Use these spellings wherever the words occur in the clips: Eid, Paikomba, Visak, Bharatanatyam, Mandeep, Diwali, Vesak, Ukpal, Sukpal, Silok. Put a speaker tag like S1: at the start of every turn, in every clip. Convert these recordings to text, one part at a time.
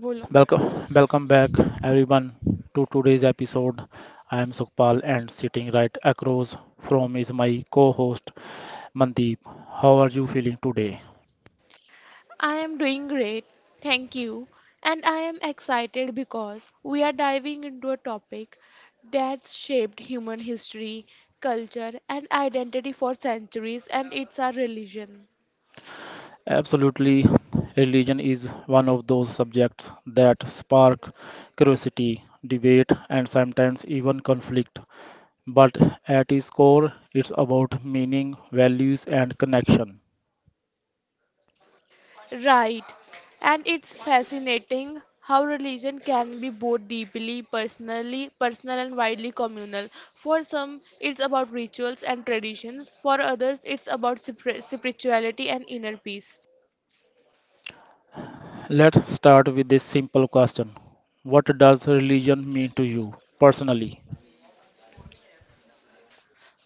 S1: Bolo.
S2: Welcome, welcome back, everyone, to today's episode. I am Sukpal, and sitting right across from is my co-host Mandeep. How are you feeling today?
S1: I am doing great, thank you. And I am excited because we are diving into a topic that's shaped human history, culture, and identity for centuries, and it's our religion.
S2: Absolutely, religion is one of those subjects that spark curiosity, debate, and sometimes even conflict. But at its core, it's about meaning, values, and connection.
S1: Right. And it's fascinating how religion can be both deeply personal and widely communal. For some, it's about rituals and traditions. For others, it's about spirituality and inner peace.
S2: Let's start with this simple question: What does religion mean to you personally?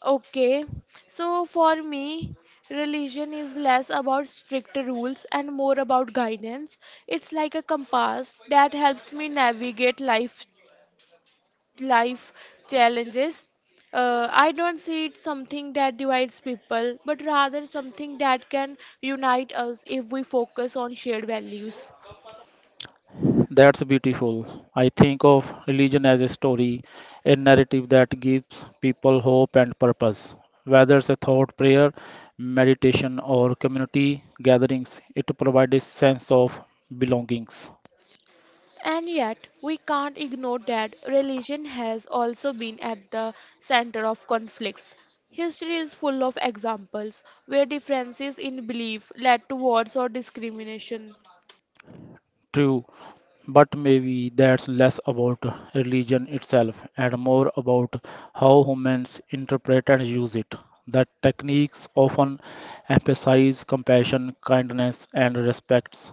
S1: Okay, so for me, religion is less about strict rules and more about guidance. It's like a compass that helps me navigate life challenges. I don't see it something that divides people, but rather something that can unite us if we focus on shared values.
S2: That's beautiful. I think of religion as a story, a narrative that gives people hope and purpose. Whether it's a thought, prayer, meditation, or community gatherings, it provides a sense of belongings.
S1: And yet, we can't ignore that religion has also been at the center of conflicts. History is full of examples where differences in belief led to wars or discrimination.
S2: True, but maybe that's less about religion itself and more about how humans interpret and use it. The techniques often emphasize compassion, kindness, and respect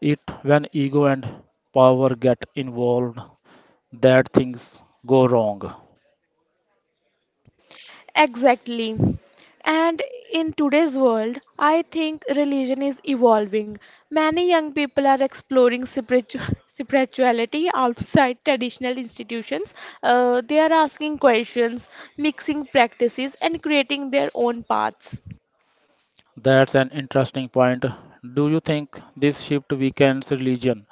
S2: it when ego and power get involved that things go wrong.
S1: Exactly. And in today's world, I think religion is evolving. Many young people are exploring spirituality outside traditional institutions. They are asking questions, mixing practices, and creating their own paths.
S2: That's an interesting point. Do you think this shift weakens religion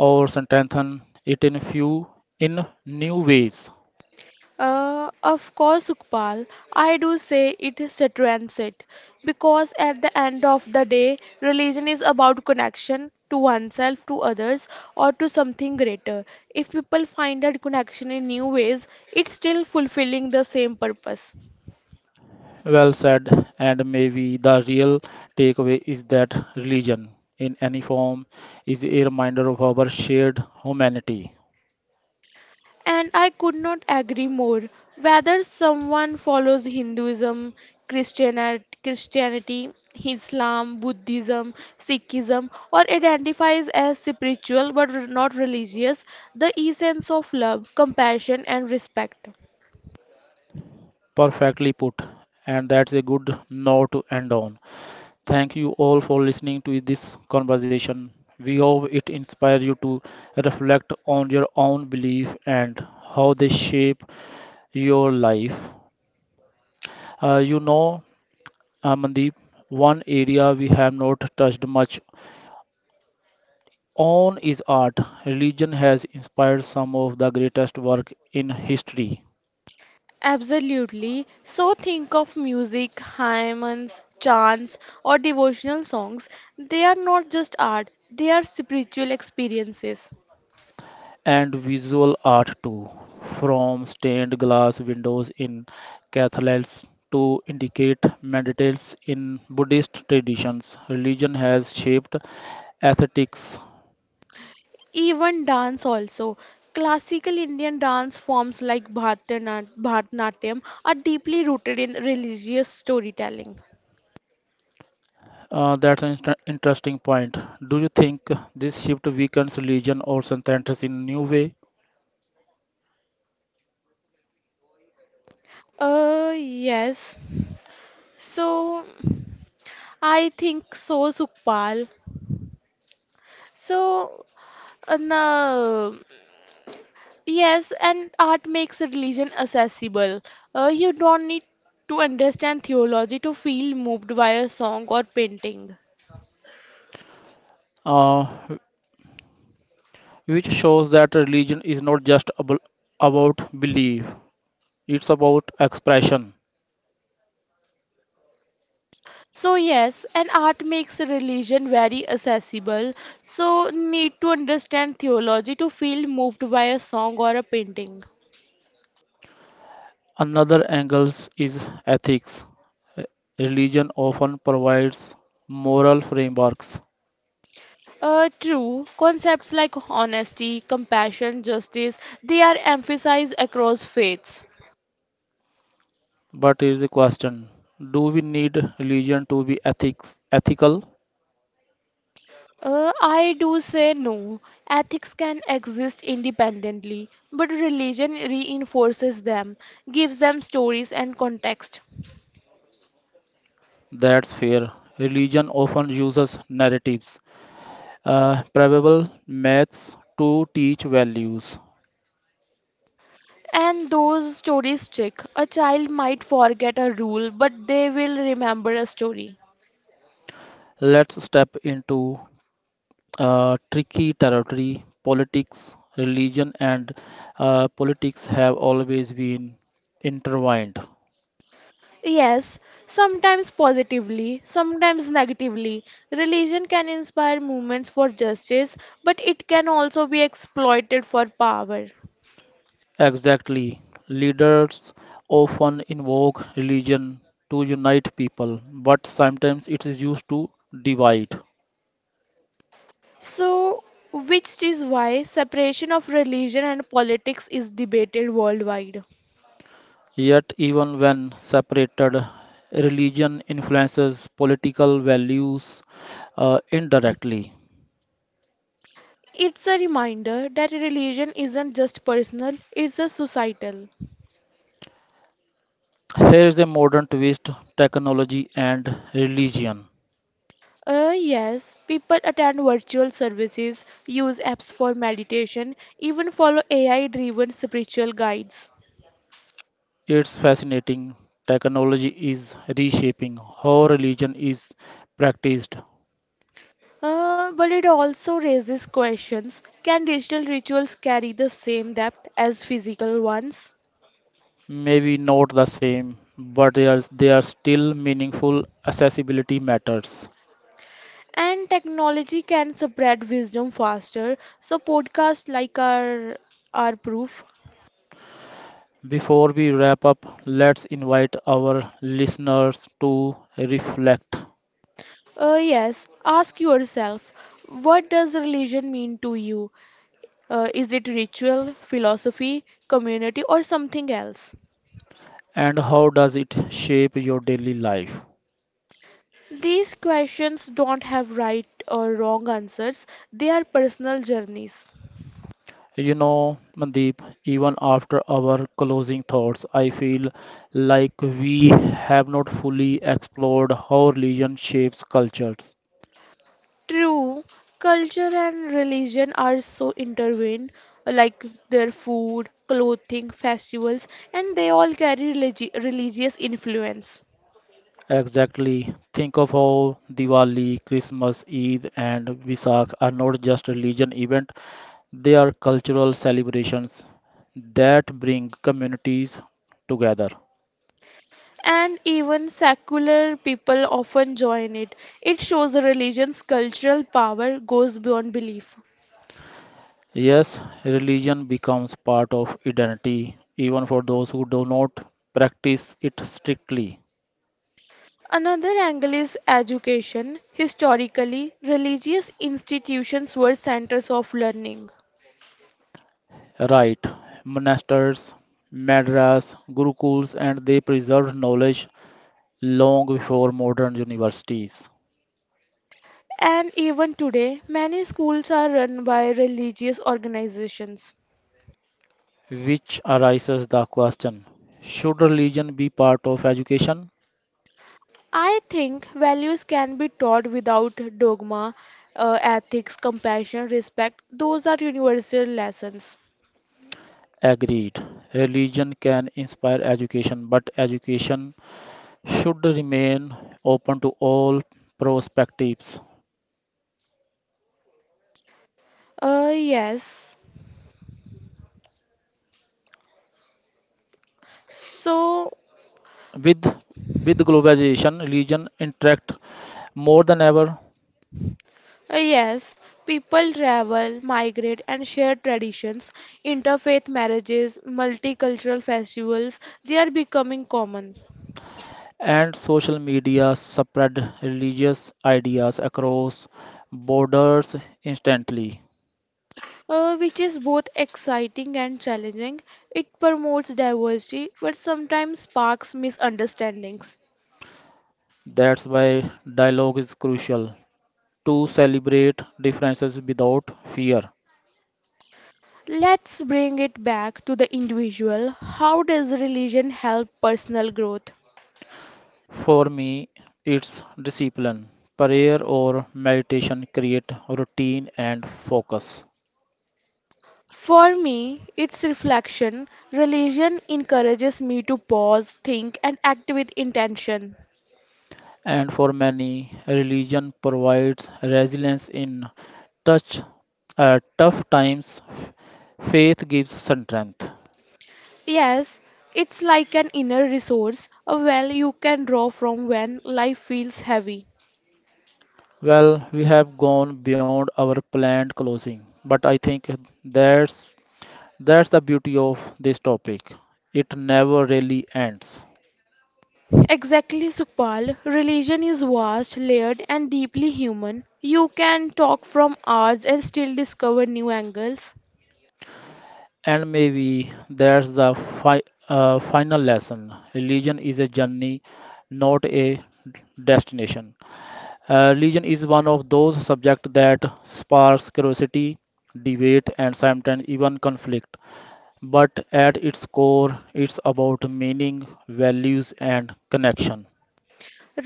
S2: or strengthens it in few in new ways?
S1: Of course, Ukpal, I do say it is a transit because at the end of the day, religion is about connection to oneself, to others, or to something greater. If people find that connection in new ways, it's still fulfilling the same purpose.
S2: Well said, and maybe the real takeaway is that religion in any form is a reminder of our shared humanity.
S1: And I could not agree more. Whether someone follows Hinduism, Christianity, Islam, Buddhism, Sikhism, or identifies as spiritual but not religious, the essence of love, compassion, and respect.
S2: Perfectly put, and that's a good note to end on. Thank you all for listening to this conversation. We hope it inspires you to reflect on your own belief and how they shape your life. Uh, you know, Mandeep, one area we have not touched much on is art. Religion has inspired some of the greatest work in history.
S1: Absolutely. So think of music, hymns, chants, or devotional songs. They are not just art, they are spiritual experiences.
S2: And visual art too, from stained glass windows in cathedrals to indicate meditates in Buddhist traditions. Religion has shaped aesthetics.
S1: Even dance also. Classical Indian dance forms like Bharatanatyam are deeply rooted in religious storytelling.
S2: That's an interesting point. Do you think this shift weakens religion or centers in new way?
S1: Uh, yes. So, I think so, Sukpal. So, no, yes, and art makes religion accessible. You don't need to understand theology to feel moved by a song or painting.
S2: Uh, which shows that religion is not just about belief; it's about expression.
S1: So yes, and art makes religion very accessible. So need to understand theology to feel moved by a song or a painting.
S2: Another angle is ethics. Re- Religion often provides moral frameworks,
S1: True, concepts like honesty, compassion, justice, they are emphasized across faiths.
S2: but is the question: Do we need religion to be ethics ethical?
S1: I do say no. Ethics can exist independently, but religion reinforces them, gives them stories and context.
S2: That's fair. Religion often uses narratives, probable myths to teach values.
S1: And those stories stick. A child might forget a rule, but they will remember a story.
S2: Let's step into tricky territory. Politics, religion, and politics have always been intertwined.
S1: Yes, sometimes positively, sometimes negatively. Religion can inspire movements for justice, but it can also be exploited for power.
S2: Exactly. Leaders often invoke religion to unite people, but sometimes it is used to divide.
S1: So, which is why separation of religion and politics is debated worldwide.
S2: Yet, even when separated, religion influences political values indirectly.
S1: It's a reminder that religion isn't just personal, it's a societal.
S2: Here is a modern twist technology and religion.
S1: Yes, people attend virtual services, use apps for meditation, even follow AI driven spiritual guides.
S2: It's fascinating. Technology is reshaping how religion is practiced.
S1: But it also raises questions, can digital rituals carry the same depth as physical ones?
S2: Maybe not the same, but they are still meaningful accessibility matters.
S1: And technology can spread wisdom faster, so podcasts like our are proof.
S2: Before we wrap up, let's invite our listeners to reflect.
S1: Yes, ask yourself, what does religion mean to you? Is it ritual, philosophy, community, or something else?
S2: And how does it shape your daily life?
S1: These questions don't have right or wrong answers, they are personal journeys.
S2: You know, Mandeep, even after our closing thoughts, I feel like we have not fully explored how religion shapes cultures.
S1: True, culture and religion are so intertwined, like their food, clothing, festivals, and they all carry religious influence.
S2: Exactly. Think of how Diwali, Christmas, Eid, and Visak are not just religion events; they are cultural celebrations that bring communities together.
S1: And even secular people often join it. It shows the religion's cultural power goes beyond belief.
S2: Yes, religion becomes part of identity, even for those who do not practice it strictly.
S1: Another angle is education. Historically, religious institutions were centers of learning.
S2: Right, monasteries, madras, gurukuls, and they preserved knowledge long before modern universities.
S1: And even today, many schools are run by religious organizations.
S2: Which arises the question should religion be part of education?
S1: I think values can be taught without dogma, ethics, compassion, respect. Those are universal lessons.
S2: Agreed. Religion can inspire education, but education should remain open to all perspectives.
S1: Uh, yes. So,
S2: With with globalization, religion interact more than ever,
S1: Yes, people travel, migrate, and share traditions. Interfaith marriages, multicultural festivals, they are becoming common,
S2: and social media spread religious ideas across borders instantly.
S1: which is both exciting and challenging. It promotes diversity but sometimes sparks misunderstandings.
S2: That's why dialogue is crucial to celebrate differences without fear.
S1: Let's bring it back to the individual. How does religion help personal growth?
S2: For me, it's discipline. Prayer or meditation create routine and focus.
S1: For me, it's reflection. Religion encourages me to pause, think, and act with intention.
S2: And for many, religion provides resilience in touch tough times. Faith gives strength.
S1: Yes, it's like an inner resource, a well you can draw from when life feels heavy.
S2: Well, we have gone beyond our planned closing, but I think that's that's the beauty of this topic. It never really ends.
S1: Exactly, Sukpal. Religion is vast, layered, and deeply human. You can talk from hours and still discover new angles.
S2: And maybe that's the final lesson. Religion is a journey, not a destination. Religion is one of those subjects that sparks curiosity, debate, and sometimes even conflict. But at its core, it's about meaning, values, and connection.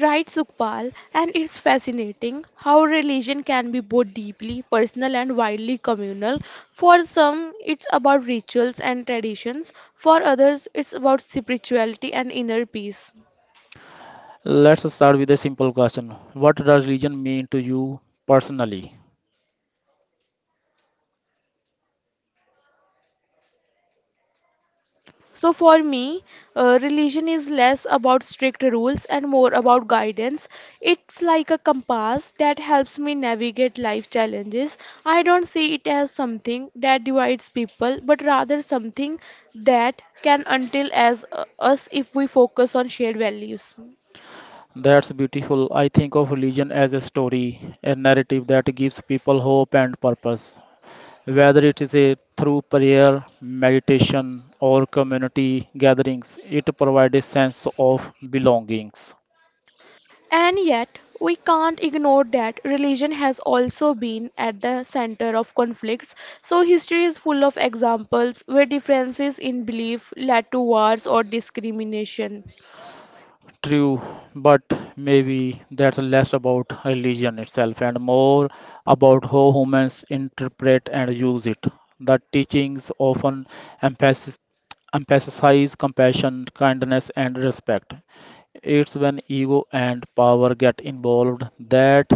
S1: Right, Sukpal, and it's fascinating how religion can be both deeply personal and widely communal. For some, it's about rituals and traditions, for others, it's about spirituality and inner peace.
S2: Let's start with a simple question: What does religion mean to you personally?
S1: So for me, religion is less about strict rules and more about guidance. It's like a compass that helps me navigate life challenges. I don't see it as something that divides people, but rather something that can until as us if we focus on shared values.
S2: That's beautiful. I think of religion as a story, a narrative that gives people hope and purpose. Whether it is a, through prayer, meditation, or community gatherings, it provides a sense of belongings.
S1: And yet, we can't ignore that religion has also been at the center of conflicts. So, history is full of examples where differences in belief led to wars or discrimination.
S2: True, but maybe that's less about religion itself and more about how humans interpret and use it. The teachings often emphasis, emphasize compassion, kindness, and respect. It's when ego and power get involved that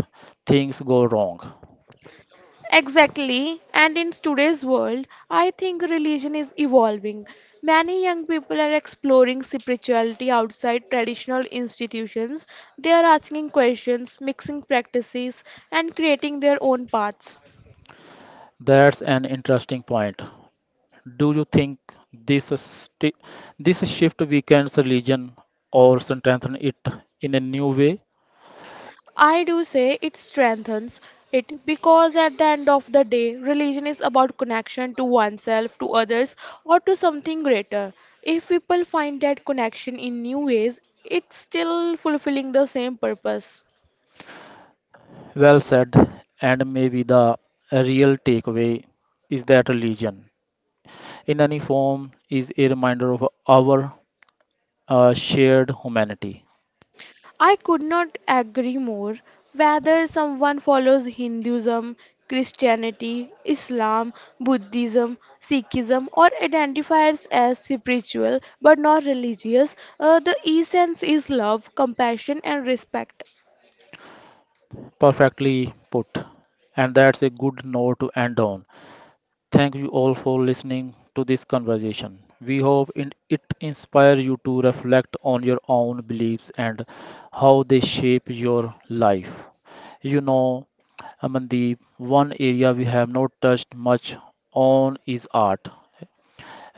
S2: things go wrong.
S1: Exactly. And in today's world, I think religion is evolving. Many young people are exploring spirituality outside traditional institutions. They are asking questions, mixing practices, and creating their own paths.
S2: That's an interesting point. Do you think this sti- this shift weakens religion or strengthens it in a new way?
S1: I do say it strengthens it because at the end of the day, religion is about connection to oneself, to others, or to something greater. If people find that connection in new ways, it's still fulfilling the same purpose.
S2: Well said, and maybe the real takeaway is that religion, in any form, is a reminder of our shared humanity.
S1: I could not agree more. Whether someone follows Hinduism, Christianity, Islam, Buddhism, Sikhism, or identifies as spiritual but not religious, the essence is love, compassion, and respect.
S2: Perfectly put, and that's a good note to end on. Thank you all for listening to this conversation. We hope it inspires you to reflect on your own beliefs and how they shape your life. You know, Amandeep, one area we have not touched much on is art.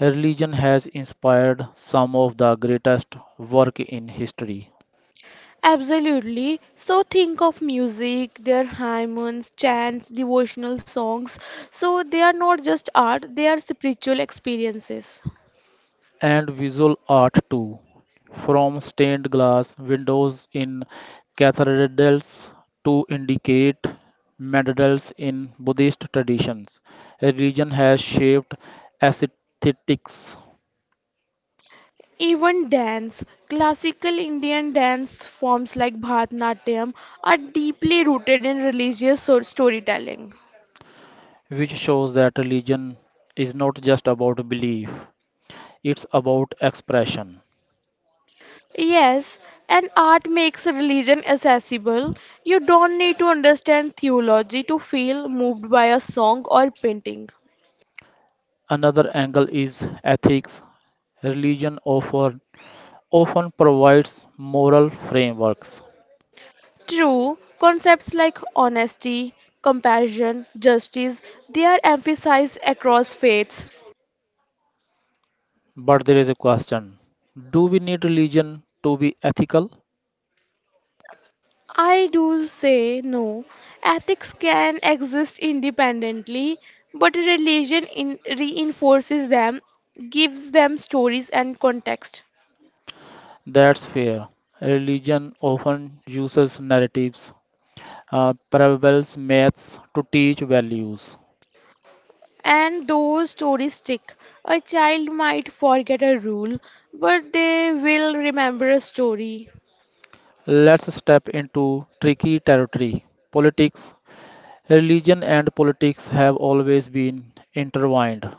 S2: Religion has inspired some of the greatest work in history.
S1: Absolutely. So think of music, their hymns, chants, devotional songs. So they are not just art, they are spiritual experiences.
S2: And visual art too, from stained glass windows in cathedrals to indicate medals in Buddhist traditions. Religion has shaped aesthetics,
S1: Even dance, classical Indian dance forms like Bharatanatyam are deeply rooted in religious storytelling.
S2: which shows that religion is not just about belief, it's about expression.
S1: Yes, and art makes religion accessible. You don't need to understand theology to feel moved by a song or painting.
S2: Another angle is ethics. Religion often, often provides moral frameworks.
S1: True, concepts like honesty, compassion, justice, they are emphasized across faiths.
S2: But there is a question: do we need religion to be ethical?
S1: I do say no. Ethics can exist independently, but religion in reinforces them, gives them stories and context.
S2: That's fair. Religion often uses narratives, parables, myths to teach values.
S1: And those stories stick. A child might forget a rule, but they will remember a story.
S2: Let's step into tricky territory politics. Religion and politics have always been intertwined.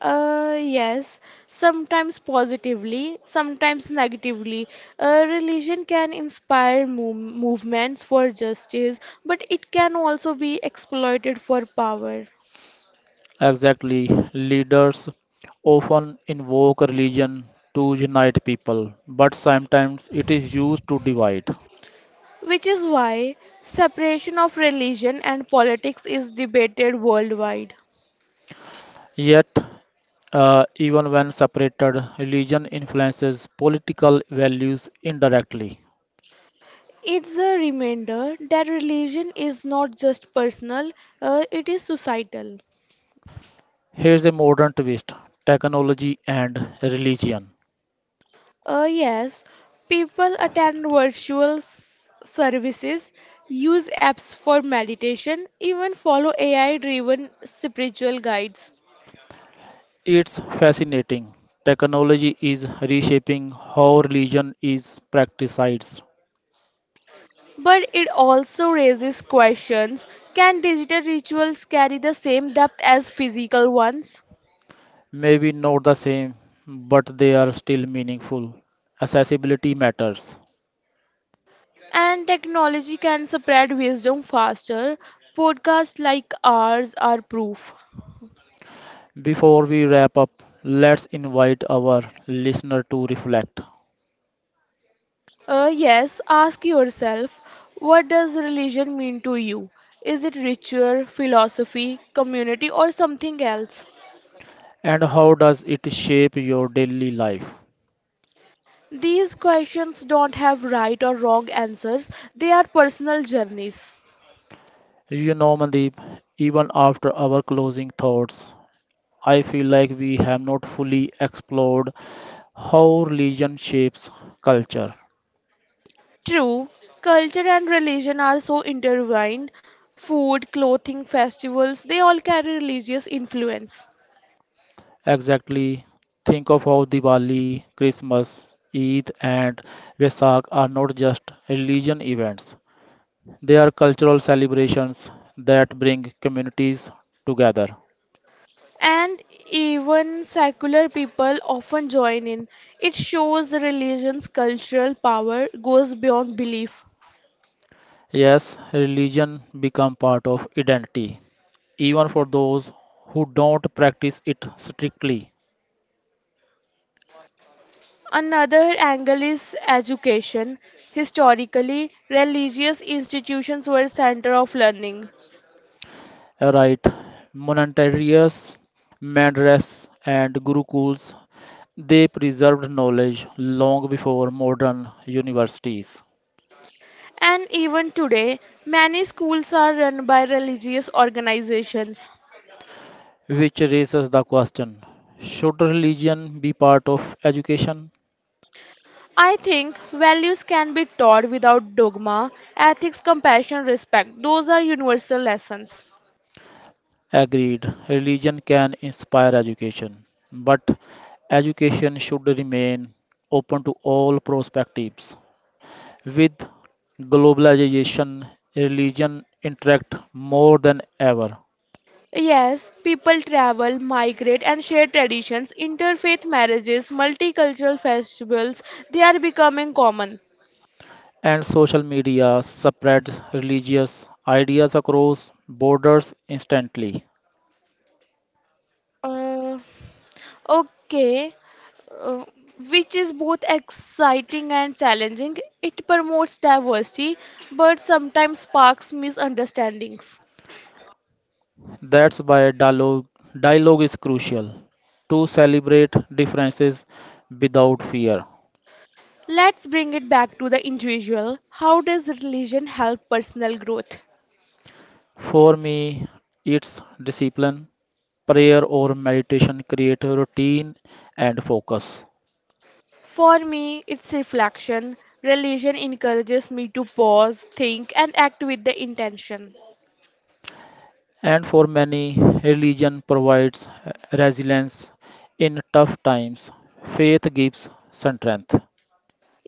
S1: Yes, sometimes positively, sometimes negatively. Religion can inspire movements for justice, but it can also be exploited for power.
S2: Exactly, leaders often invoke religion to unite people, but sometimes it is used to divide.
S1: Which is why separation of religion and politics is debated worldwide.
S2: Yet, even when separated, religion influences political values indirectly.
S1: It's a reminder that religion is not just personal, it is societal.
S2: Here's a modern twist technology and religion.
S1: Yes, people attend
S2: Fascinating.
S1: virtual services, use apps for meditation, even follow AI driven spiritual guides.
S2: It's fascinating. Technology is reshaping how religion is practiced.
S1: But it also raises questions, can digital rituals carry the same depth as physical ones?
S2: Maybe not the same, but they are still meaningful. Accessibility matters.
S1: And technology can spread wisdom faster. Podcasts like ours are proof.
S2: Before we wrap up, let's invite our listener to reflect.
S1: Yes, ask yourself, what does religion mean to you? Is it ritual, philosophy, community, or something else?
S2: And how does it shape your daily life?
S1: These questions don't have right or wrong answers, they are personal journeys.
S2: You know, Mandeep, even after our closing thoughts, I feel like we have not fully explored how religion shapes culture.
S1: True, culture and religion are so intertwined. Food, clothing, festivals, they all carry religious influence.
S2: Exactly, think of how Diwali, Christmas, Eid, and Vesak are not just religion events, they are cultural celebrations that bring communities together.
S1: And even secular people often join in. It shows religion's cultural power goes beyond belief.
S2: Yes, religion become part of identity, even for those who don't practice it strictly.
S1: Another angle is education. Historically, religious institutions were center of learning.
S2: Right, monasteries, mandras, and gurukuls they preserved knowledge long before modern universities,
S1: And even today, many schools are run by religious organizations.
S2: which raises the question: Should religion be part of education?
S1: I think values can be taught without dogma, ethics, compassion, respect. Those are universal lessons.
S2: Agreed, religion can inspire education, but education should remain open to all perspectives. With globalization, religion interact more than ever,
S1: Yes, people travel, migrate, and share traditions. Interfaith marriages, multicultural festivals, they are becoming common.
S2: and social media spreads religious ideas across borders instantly.
S1: Uh, okay, uh, which is both exciting and challenging. It promotes diversity, but sometimes sparks misunderstandings.
S2: That's why dialogue is crucial to celebrate differences without fear.
S1: Let's bring it back to the individual. How does religion help personal growth?
S2: For me, it's discipline, prayer or meditation create a routine and focus.
S1: For me, it's reflection. Religion encourages me to pause, think, and act with the intention.
S2: And for many, religion provides resilience in tough times. Faith gives strength.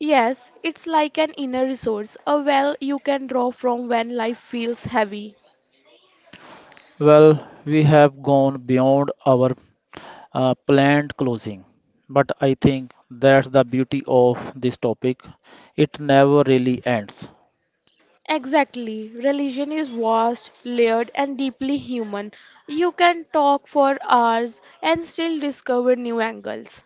S1: Yes, it's like an inner resource, a well you can draw from when life feels heavy.
S2: Well, we have gone beyond our planned closing, but I think that's the beauty of this topic. It never really ends.
S1: Exactly. Religion is vast, layered, and deeply human. You can talk for hours and still discover new angles.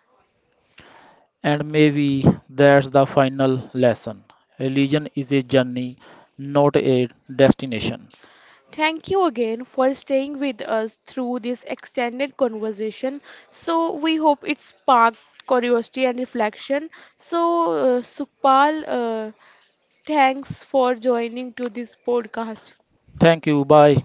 S2: And maybe that's the final lesson. Religion is a journey, not a destination.
S1: Thank you again for staying with us through this extended conversation. So, we hope it sparked curiosity and reflection. Sukpal, thanks for joining to this podcast.
S2: Thank you. Bye.